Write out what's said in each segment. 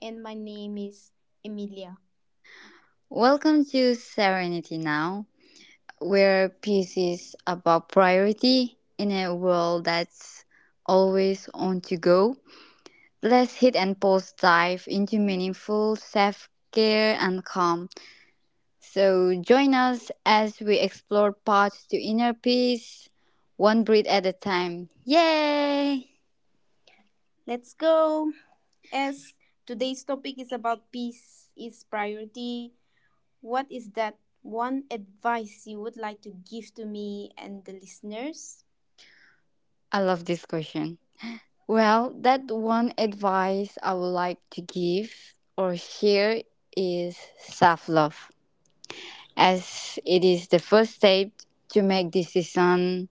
And my name is Emilia. Welcome to Serenity Now, where peace is about priority in a world that's always on to go. Let's hit and pause dive into meaningful self care and calm. So, join us as we explore paths to inner peace, one breath at a time. Yay! Let's go. As today's topic is about peace is priority, what is that one advice you would like to give to me and the listeners? I love this question. Well, that one advice I would like to give or share is self love, as it is the first step to make decision.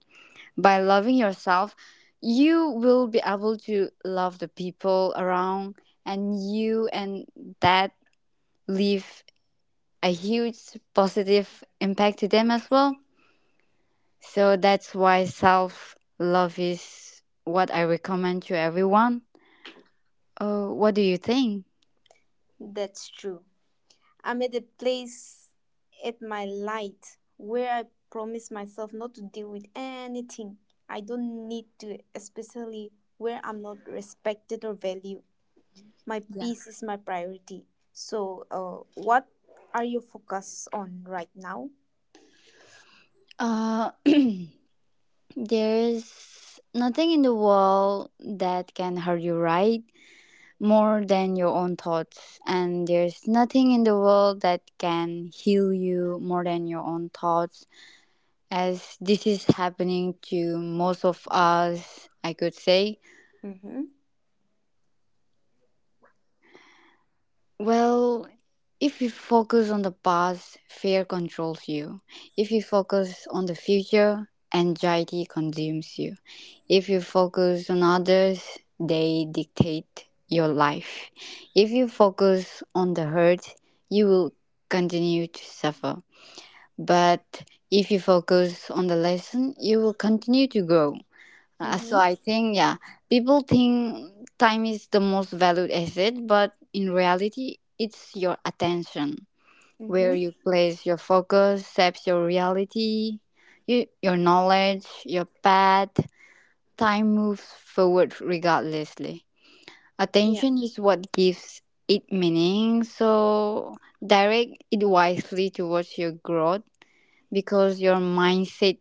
By loving yourself, you will be able to love the people around and you, and that leave a huge positive impact to them as well. So that's why self love is what I recommend to everyone. What do you think? That's true. I'm at a place at my light where I promise myself not to deal with anything. I don't need to, especially where I'm not respected or valued. My peace is my priority. So, what are you focused on right now? Uh, there's nothing in the world that can hurt you right more than your own thoughts, and there's nothing in the world that can heal you more than your own thoughts, as this is happening to most of us, I could say. Mm-hmm. Well, if you focus on the past, fear controls you. If you focus on the future, anxiety consumes you. If you focus on others, they dictate your life. If you focus on the hurt, you will continue to suffer. But if you focus on the lesson, you will continue to grow. So Mm-hmm. I think, yeah, people think time is the most valued asset, but in reality, it's your attention. Mm-hmm. Where you place your focus shapes your reality, you, your knowledge, your path. Time moves forward regardlessly. Yeah. Attention is what gives it meaning, so direct it wisely towards your growth because your mindset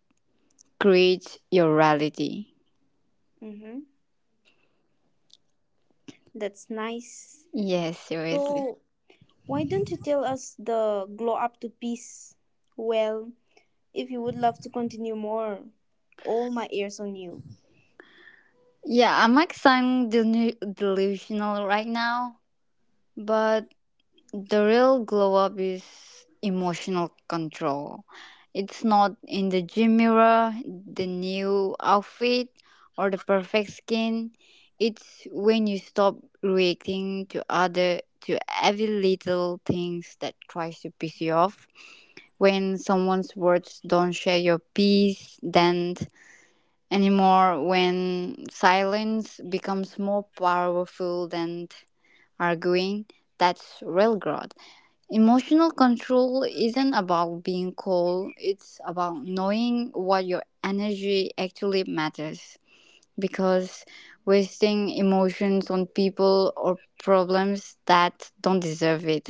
creates your reality. Mm-hmm. That's nice. Yes, seriously. So, why don't you tell us the glow up to peace? Well, if you would love to continue more, all my ears on you. Yeah, I might sound delusional right now, but the real glow up is emotional control. It's not in the gym mirror, the new outfit, or the perfect skin. It's when you stop reacting to other to every little things that tries to piss you off. When someone's words don't share your peace, then anymore when silence becomes more powerful than arguing. That's real growth. Emotional control isn't about being cold; it's about knowing what your energy actually matters. Because wasting emotions on people or problems that don't deserve it,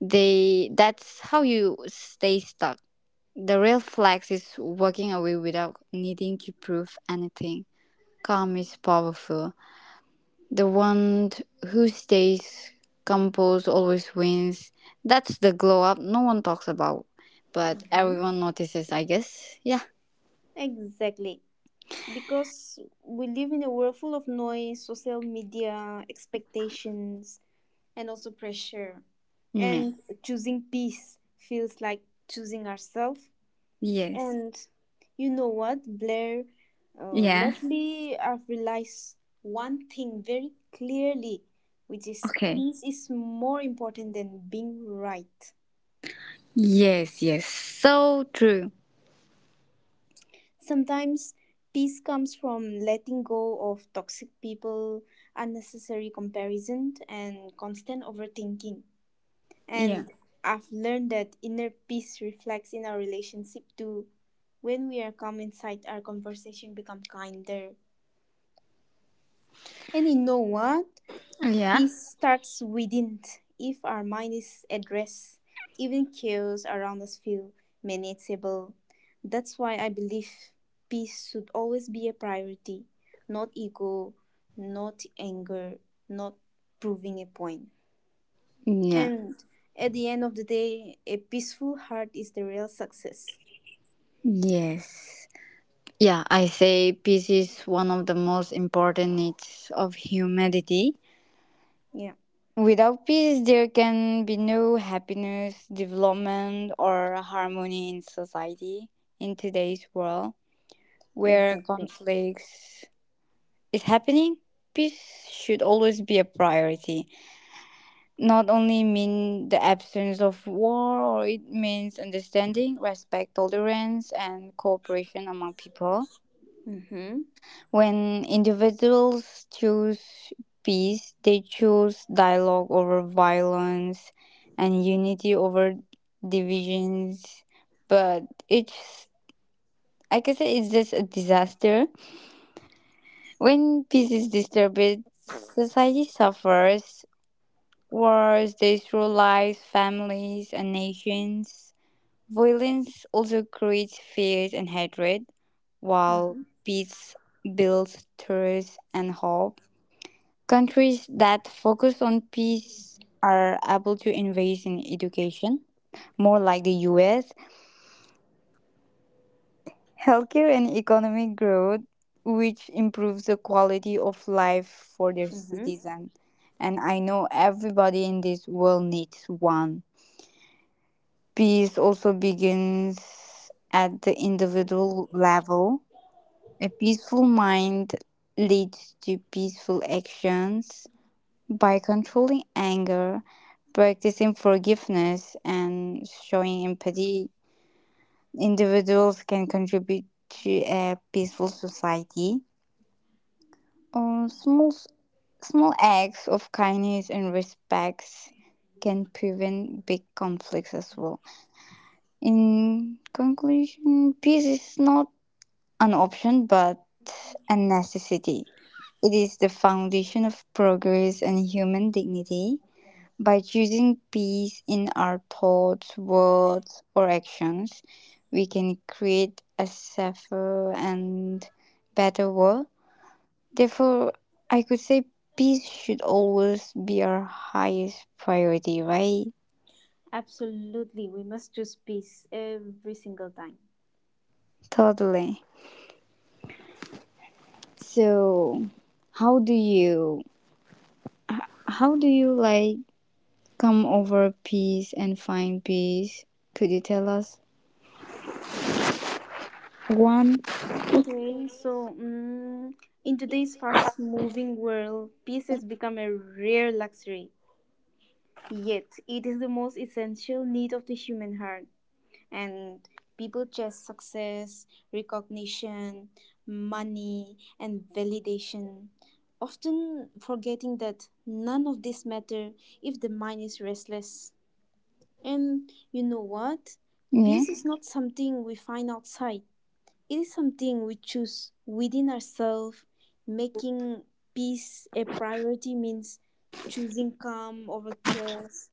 they that's how you stay stuck. The real flex is walking away without needing to prove anything. Calm is powerful. The one who stays composed always wins. That's the glow up no one talks about, but Mm-hmm. everyone notices, I guess. Yeah. Exactly. Because we live in a world full of noise, social media, expectations, and also pressure. Yeah. And choosing peace feels like choosing ourselves. Yes. And you know what, Blair? Yeah. Lately, I've realized one thing very clearly, which is Okay. peace is more important than being right. Yes. So true. Sometimes peace comes from letting go of toxic people, unnecessary comparison, and constant overthinking. Yeah. And I've learned that inner peace reflects in our relationship too. When we are calm inside, our conversation become kinder. And you know what? Yeah. Peace starts within. If our mind is at rest, even chaos around us feel manageable. That's why I believe peace should always be a priority, not ego, not anger, not proving a point. Yeah. And at the end of the day, a peaceful heart is the real success. Yes. Yeah, I say peace is one of the most important needs of humanity. Yeah, Without peace, there can be no happiness, development, or harmony in society in today's world where exactly. conflicts is happening. Peace should always be a priority. Not only mean the absence of war, or it means understanding, respect, tolerance, and cooperation among people. Mm-hmm. When individuals choose peace, they choose dialogue over violence and unity over divisions. But it's, I can say it's just a disaster. When peace is disturbed, society suffers. Wars destroy families, and nations. Violence also creates fears and hatred, while Mm-hmm. peace builds trust and hope. Countries that focus on peace are able to invest in education, more like the US, healthcare, and economic growth, which improves the quality of life for their Mm-hmm. citizens. And I know everybody in this world needs one. Peace also begins at the individual level. A peaceful mind leads to peaceful actions. By controlling anger, practicing forgiveness, and showing empathy, individuals can contribute to a peaceful society. Uh, small, Small acts of kindness and respects can prevent big conflicts as well. In conclusion, peace is not an option but a necessity. It is the foundation of progress and human dignity. By choosing peace in our thoughts, words, or actions, we can create a safer and better world. Therefore, I could say peace should always be our highest priority, right? Absolutely. We must choose peace every single time. Totally. So, how do you how do you like come over peace and find peace? Could you tell us one? Okay, so, in today's fast moving world, peace has become a rare luxury. Yet, it is the most essential need of the human heart. And people chase success, recognition, money, and validation, often forgetting that none of this matter if the mind is restless. And you know what? Yeah. Peace is not something we find outside. It is something we choose within ourselves. Making peace a priority means choosing calm over chaos,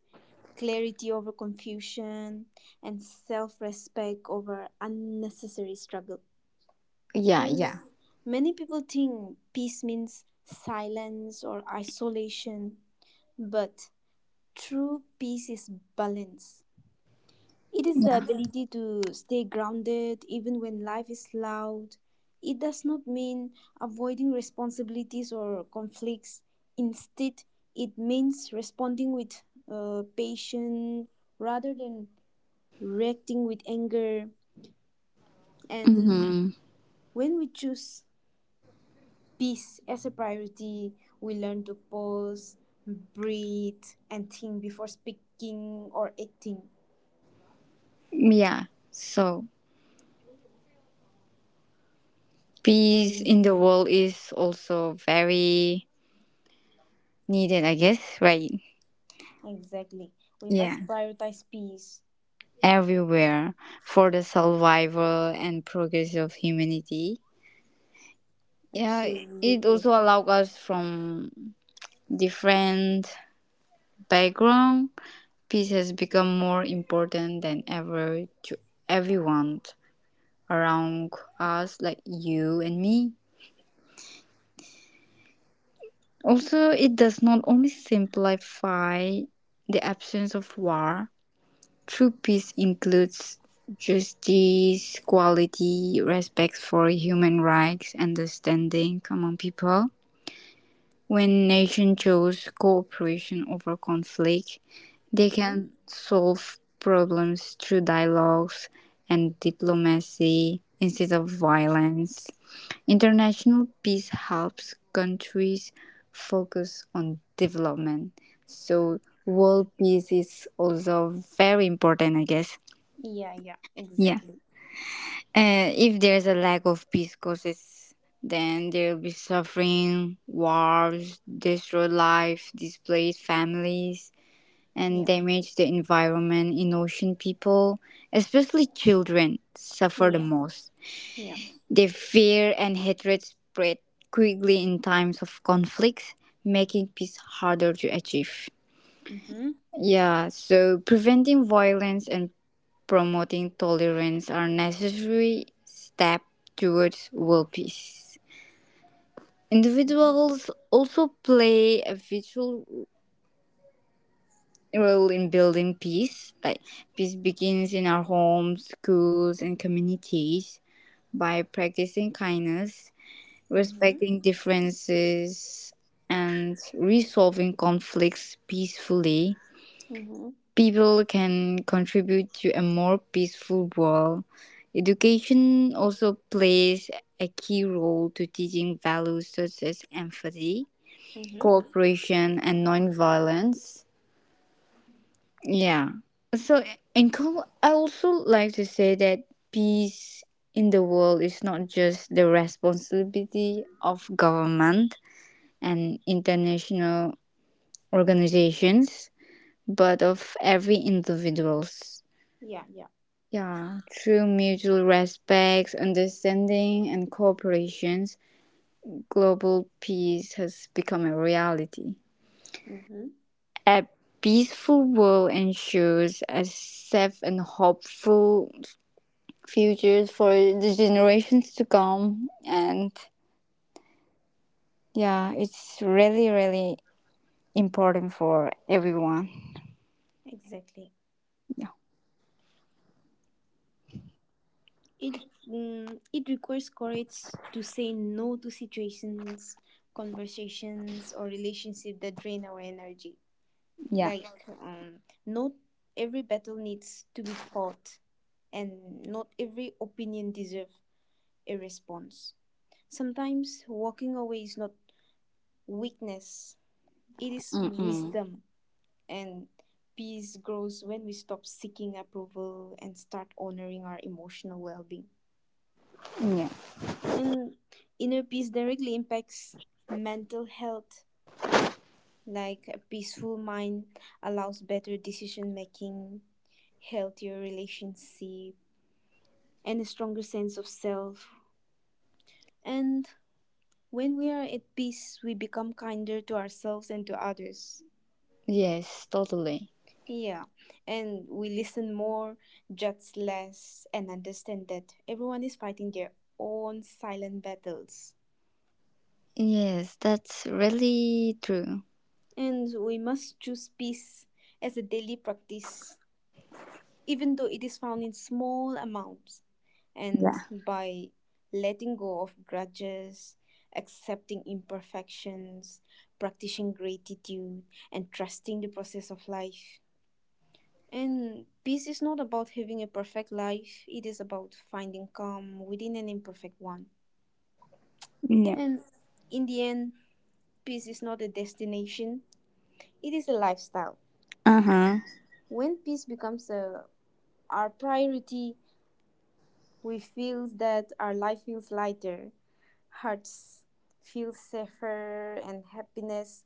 clarity over confusion, and self respect over unnecessary struggle. Yeah, And yeah. many people think peace means silence or isolation, but true peace is balance. It is the ability to stay grounded even when life is loud. It does not mean avoiding responsibilities or conflicts. Instead, it means responding with patience rather than reacting with anger. And Mhm. when we choose peace as a priority, we learn to pause, breathe, and think before speaking or acting. Yeah. So, peace And in the world is also very needed, I guess, right? exactly, we Yeah, must prioritize peace. everywhere for the survival and progress of humanity. Yeah, it Absolutely. also allows us from different background. Peace has become more important than ever to everyone around us, like you and me. Also, it does not only simplify the absence of war. True peace includes justice, equality, respect for human rights, understanding among people. When nations choose cooperation over conflict, they Mm-hmm. can solve problems through dialogues and diplomacy instead of violence. International peace helps countries focus on development. So world peace is also very important, I guess. Yeah, yeah, Yeah. exactly. And if there's a lack of peace causes, then there will be suffering, wars, destroyed life, displaced families, and Yeah, damage the environment in ocean people, especially children, suffer the yeah, most. yeah. Their fear and hatred spread quickly in times of conflict, making peace harder to achieve. Mm-hmm. Yeah, so preventing violence and promoting tolerance are necessary steps towards world peace. Mm-hmm. Individuals also play a vital role in building peace. Like peace begins in our homes, schools, and communities by practicing kindness, Mm-hmm. respecting differences, and resolving conflicts peacefully. Mm-hmm. People can contribute to a more peaceful world. Education also plays a key role to teaching values such as empathy, Mm-hmm. cooperation, and nonviolence. Yeah. So, I also like to say that peace in the world is not just the responsibility of government and international organizations, but of every individuals. Yeah, yeah. Yeah, through mutual respect, understanding, and cooperation, global peace has become a reality. Mm-hmm. A peaceful world ensures a safe and hopeful future for the generations to come. And yeah, it's really important for everyone. Exactly. Yeah. It it requires courage to say no to situations, conversations, or relationships that drain our energy. Yeah. Like, not every battle needs to be fought, and not every opinion deserves a response. Sometimes walking away is not weakness; it is Mm-mm. wisdom, and peace grows when we stop seeking approval and start honoring our emotional well-being. Yeah. And inner peace directly impacts mental health. Like, a peaceful mind allows better decision making, healthier relationship, and a stronger sense of self. And when we are at peace, we become kinder to ourselves and to others. Yes, totally. Yeah, and we listen more, judge less, and understand that everyone is fighting their own silent battles. Yes, that's really true. And we must choose peace as a daily practice even though it is found in small amounts. And Yeah. by letting go of grudges, accepting imperfections, practicing gratitude, and trusting the process of life. And peace is not about having a perfect life, it is about finding calm within an imperfect one. Yeah. And in the end, peace is not a destination, it is a lifestyle. Uh-huh. When peace becomes a, our priority, we feel that our life feels lighter. Hearts feel safer and happiness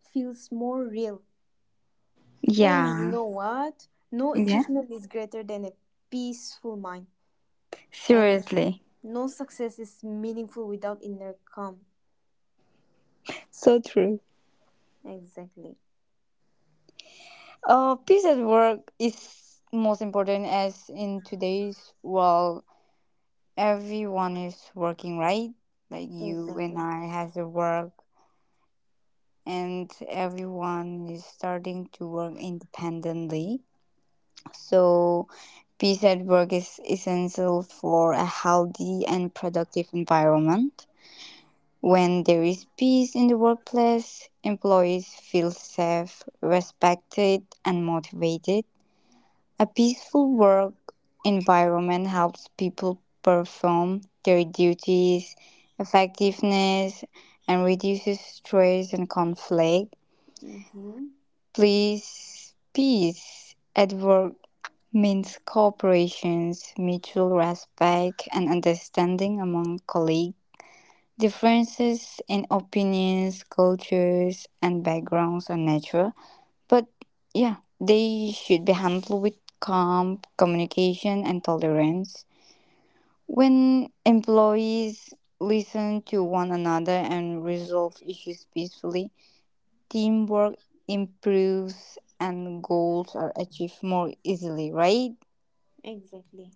feels more real. And you Yeah. know what? No Yeah. achievement is greater than a peaceful mind. And Seriously. no success is meaningful without inner calm. So true. Exactly. Peace at work is most important as in today's world, everyone is working, right? Like you and Exactly. I has a work and everyone is starting to work independently. So peace at work is essential for a healthy and productive environment. When there is peace in the workplace, employees feel safe, respected, and motivated. A peaceful work environment helps people perform their duties effectiveness and reduces stress and conflict. Mm-hmm. Please, peace at work means cooperation, mutual respect, and understanding among colleagues differences in opinions, cultures, and backgrounds are natural, but yeah, they should be handled with calm communication and tolerance. When employees listen to one another and resolve issues peacefully, teamwork improves and goals are achieved more easily, right? Exactly.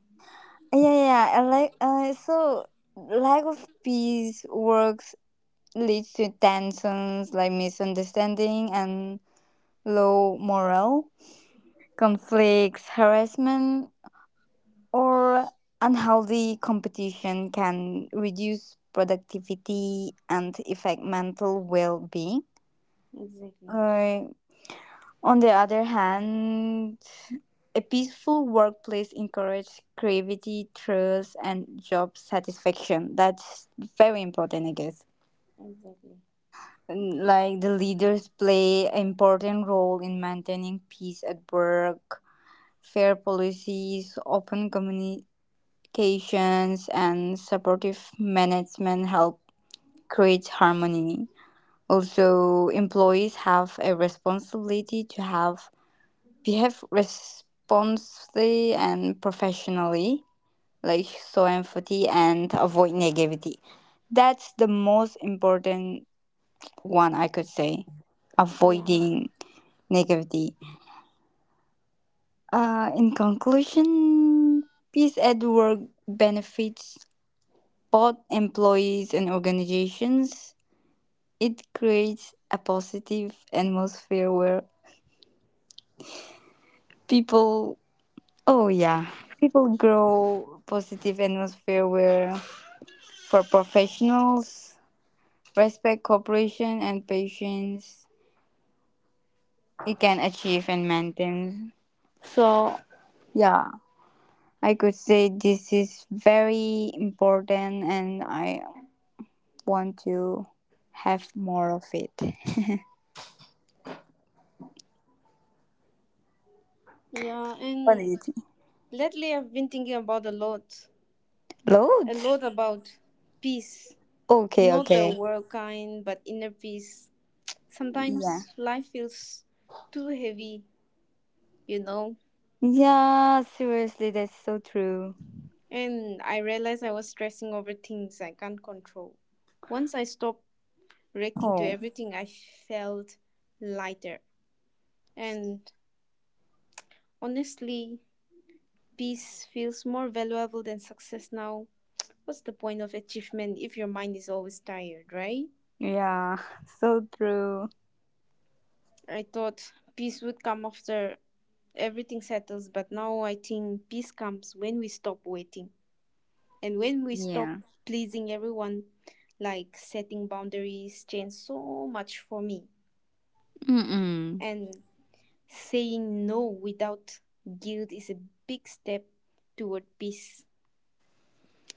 Yeah. I like so lack of peace works leads to tensions like misunderstanding and low morale, conflicts, harassment, or unhealthy competition can reduce productivity and affect mental well being. Exactly. Uh, on the other hand, a peaceful workplace encourages creativity, trust, and job satisfaction. That's very important, I guess. Exactly. Like the leaders play an important role in maintaining peace at work, fair policies, open communications, and supportive management help create harmony. Also employees have a responsibility to have behave responsibly and professionally, like show empathy and avoid negativity. That's the most important one, I could say, Yeah. avoiding negativity. In conclusion, peace at work benefits both employees and organizations. It creates a positive atmosphere where people, oh yeah, people grow positive atmosphere where for professionals respect cooperation and patience it can achieve and maintain. So yeah, I could say this is very important and I want to have more of it. Yeah. What do And you think? lately I've been thinking about a lot. A Loads? lot about peace. Okay, Not the okay. world kind, but inner peace. Yeah. Sometimes life feels too heavy, you know, Yeah, seriously, that's so true. and I realized I was stressing over things I can't control. Once I stopped reacting to Oh, everything, I felt lighter. And honestly, peace feels more valuable than success now. What's the point of achievement if your mind is always tired, right? yeah, so true. I thought peace would come after everything settles, but now I think peace comes when we stop waiting. And when we stop Yeah. pleasing everyone, like setting boundaries changed so much for me. Mm-mm. And saying no without guilt is a big step toward peace.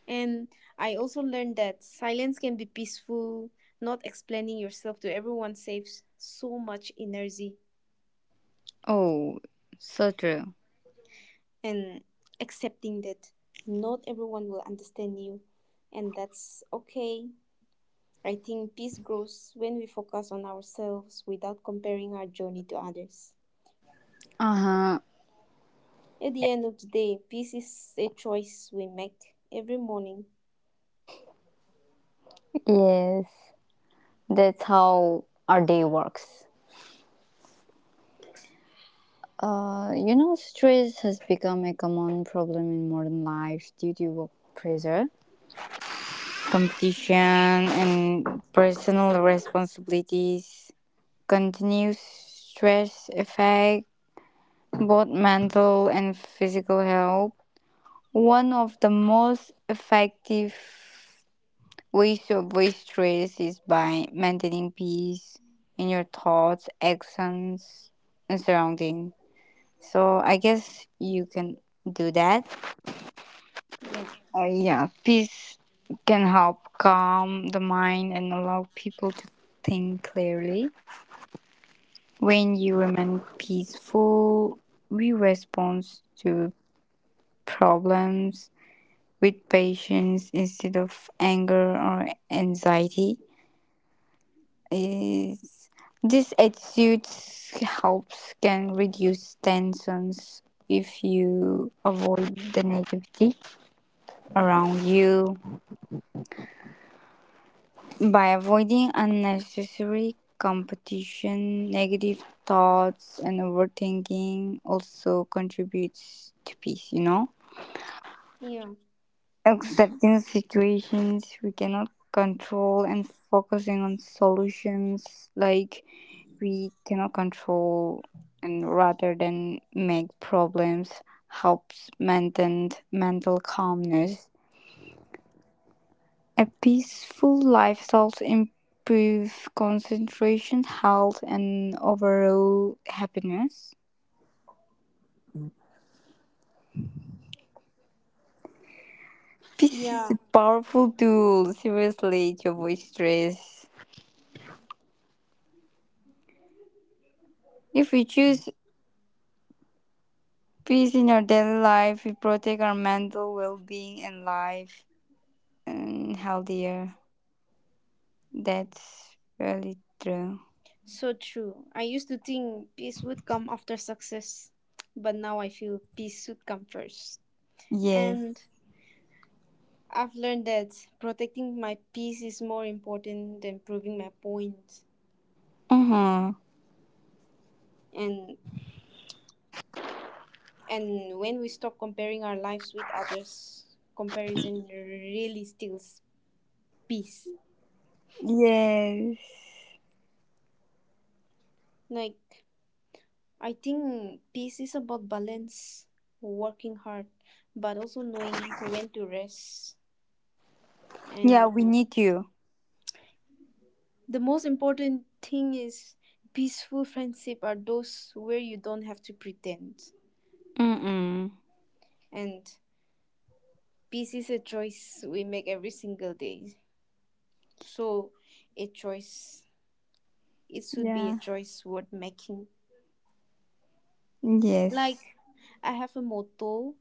And I also learned that silence can be peaceful. Not explaining yourself to everyone saves so much energy. Oh, so true. And accepting that not everyone will understand you, and that's okay. I think peace grows when we focus on ourselves without comparing our journey to others. Uh-huh. At the end of the day, peace is a choice we make every morning. Yes, that's how our day works. You know, stress has become a common problem in modern life due to work pressure, competition, and personal responsibilities. Continuous stress affects both mental and physical health. One of the most effective ways to avoid stress is by maintaining peace in your thoughts, actions, and surrounding. So I guess you can do that. Yeah. Yeah, peace can help calm the mind and allow people to think clearly. When you remain peaceful, we respond to problems with patience instead of anger or anxiety. Is this attitude helps can reduce tensions if you avoid the negativity around you. By avoiding unnecessary competition, negative thoughts and overthinking also contributes to peace, you know? Yeah. Accepting situations we cannot control and focusing on solutions like we cannot control and rather than make problems helps maintain mental calmness. A peaceful lifestyle improves concentration, health, and overall happiness. Peace is Yeah. a powerful tool, seriously, to avoid stress. If we choose peace in our daily life, we protect our mental well being and life and healthier. That's really true. So true. I used to think peace would come after success, but now I feel peace should come first. Yes. And I've learned that protecting my peace is more important than proving my point. Uh-huh. And And when we stop comparing our lives with others, comparison really steals peace. Yes. Like, I think peace is about balance, working hard, but also knowing when to rest. Yeah, And we need you. the most important thing is peaceful friendship are those where you don't have to pretend. Mm-mm. And peace is a choice we make every single day. So, a choice, it should be a Yeah. choice worth making. Yes. Like, I have a motto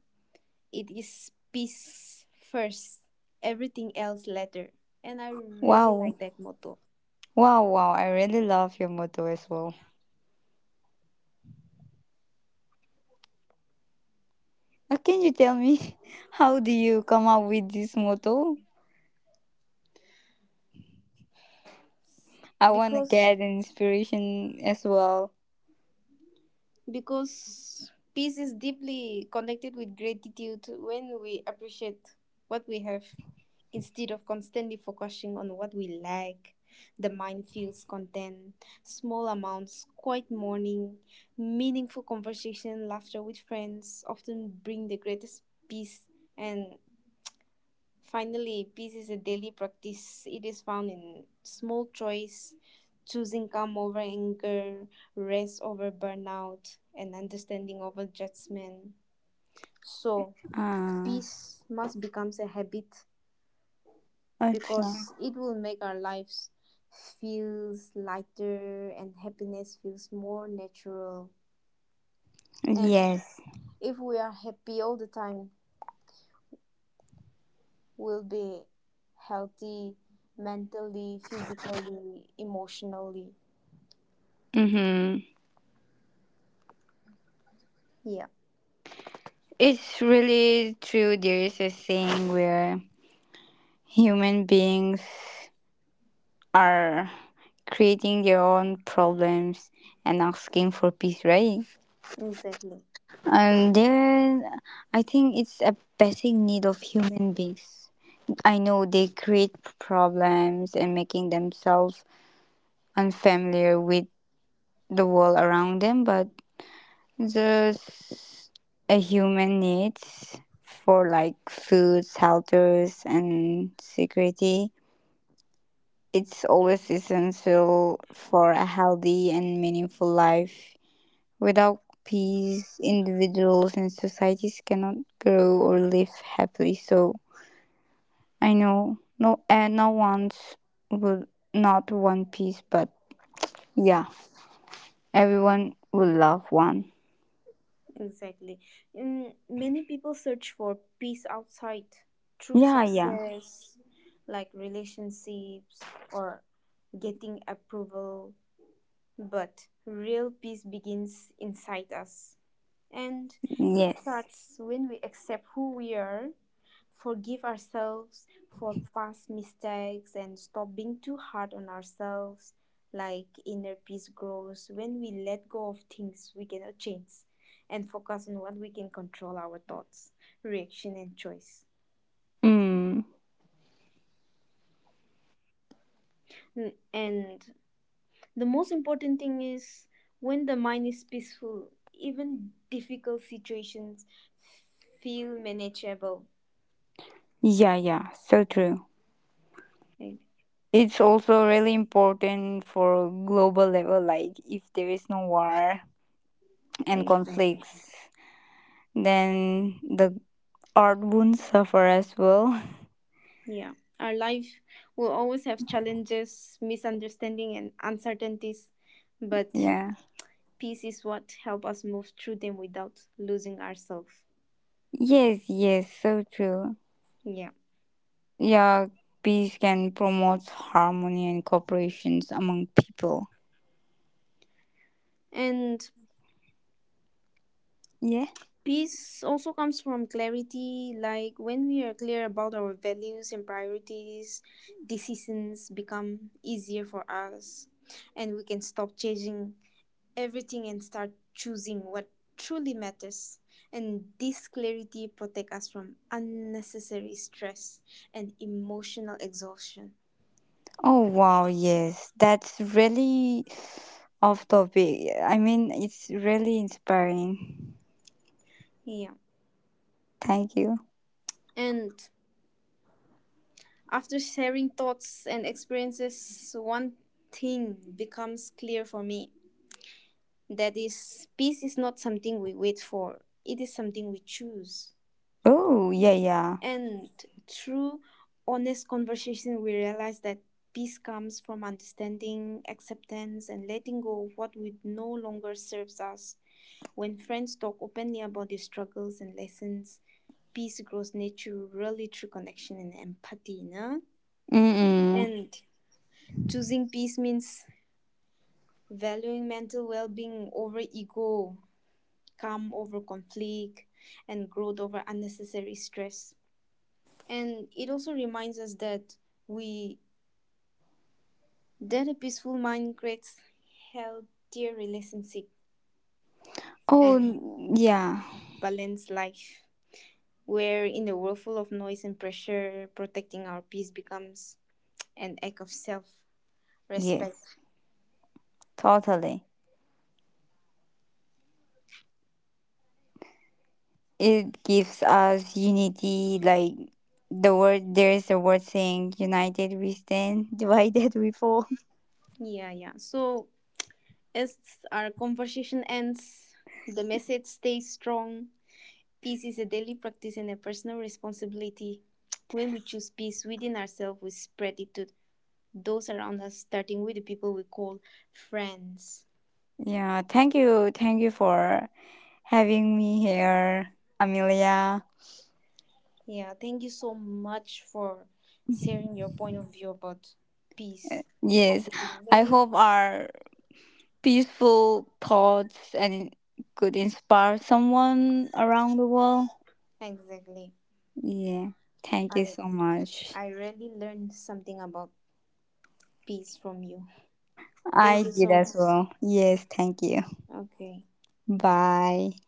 it is peace first, everything else later. And I really Wow. like that motto Wow, I really love your motto as well. Can you tell me how do you come up with this motto? I want to because get an inspiration as well. because peace is deeply connected with gratitude when we appreciate what we have instead of constantly focusing on what we lack, the mind feels content, small amounts, quiet morning, meaningful conversation, laughter with friends often bring the greatest peace. And finally, peace is a daily practice. It is found in small choice, choosing calm over anger, rest over burnout, and understanding over judgment. So, Ah, peace must become a habit acha. because it will make our lives feels lighter and happiness feels more natural. And Yes. if we are happy all the time, we'll be healthy mentally, physically, emotionally. Mm-hmm. Yeah, It's really true. There is a saying where human beings are creating their own problems and asking for peace, right? exactly. And there, I think it's a basic need of human beings. I know they create problems and making themselves unfamiliar with the world around them, but just a human needs for like food, shelters, and security. It's always essential for a healthy and meaningful life. Without peace, individuals and societies cannot grow or live happily. So I know. No, and no one would not want peace, but yeah, everyone would love one. Exactly. Mm, many people search for peace outside, true Yeah, yeah, success, like relationships or getting approval. But real peace begins inside us. And it yes. starts when we accept who we are, forgive ourselves for past mistakes, and stop being too hard on ourselves. Like inner peace grows when we let go of things we cannot change and focus on what we can control, our thoughts, reaction, and choice. Mm, And the most important thing is when the mind is peaceful, even difficult situations feel manageable. yeah, so true. E- It's also really important for global level. Like, if there is no war and Exactly. conflicts, then the art won't suffer as well. Yeah, our life will always have challenges, misunderstanding, and uncertainties, but Yeah. peace is what helps us move through them without losing ourselves. Yes, so true. Yeah, Yeah, peace can promote harmony and cooperations among people. and Yeah. peace also comes from clarity. Like when we are clear about our values and priorities, decisions become easier for us, and we can stop chasing everything and start choosing what truly matters. And this clarity protects us from unnecessary stress and emotional exhaustion. Oh wow, yes. That's really off topic. I mean, it's really inspiring. Yeah. Thank you. And after sharing thoughts and experiences, one thing becomes clear for me, that is, peace is not something we wait for, it is something we choose. Oh, yeah. And through honest conversation, we realize that peace comes from understanding, acceptance, and letting go of what we no longer serves us. When friends talk openly about their struggles and lessons, peace grows naturally through connection and empathy. Na? Mm-mm. And choosing peace means valuing mental well being over ego, calm over conflict, and growth over unnecessary stress. And it also reminds us that we that a peaceful mind creates healthier relationship and Oh, yeah. balanced life. Where in a world full of noise and pressure, protecting our peace becomes an act of self Yes, respect. totally. It gives us unity, like the word, there is a word saying, united we stand, divided we fall. Yeah, yeah. So as our conversation ends, the message stays strong. Peace is a daily practice and a personal responsibility. When we choose peace within ourselves, we spread it to those around us, starting with the people we call friends. Yeah, thank you. Thank you for having me here, Amelia. Yeah, thank you so much for sharing your point of view about peace. I Yes, I really hope our peaceful thoughts and could inspire someone around the world. exactly. Yeah, thank you I so much. I really learned something about peace from you. Thank I you did so as much. well. Yes, thank you. Okay. Bye.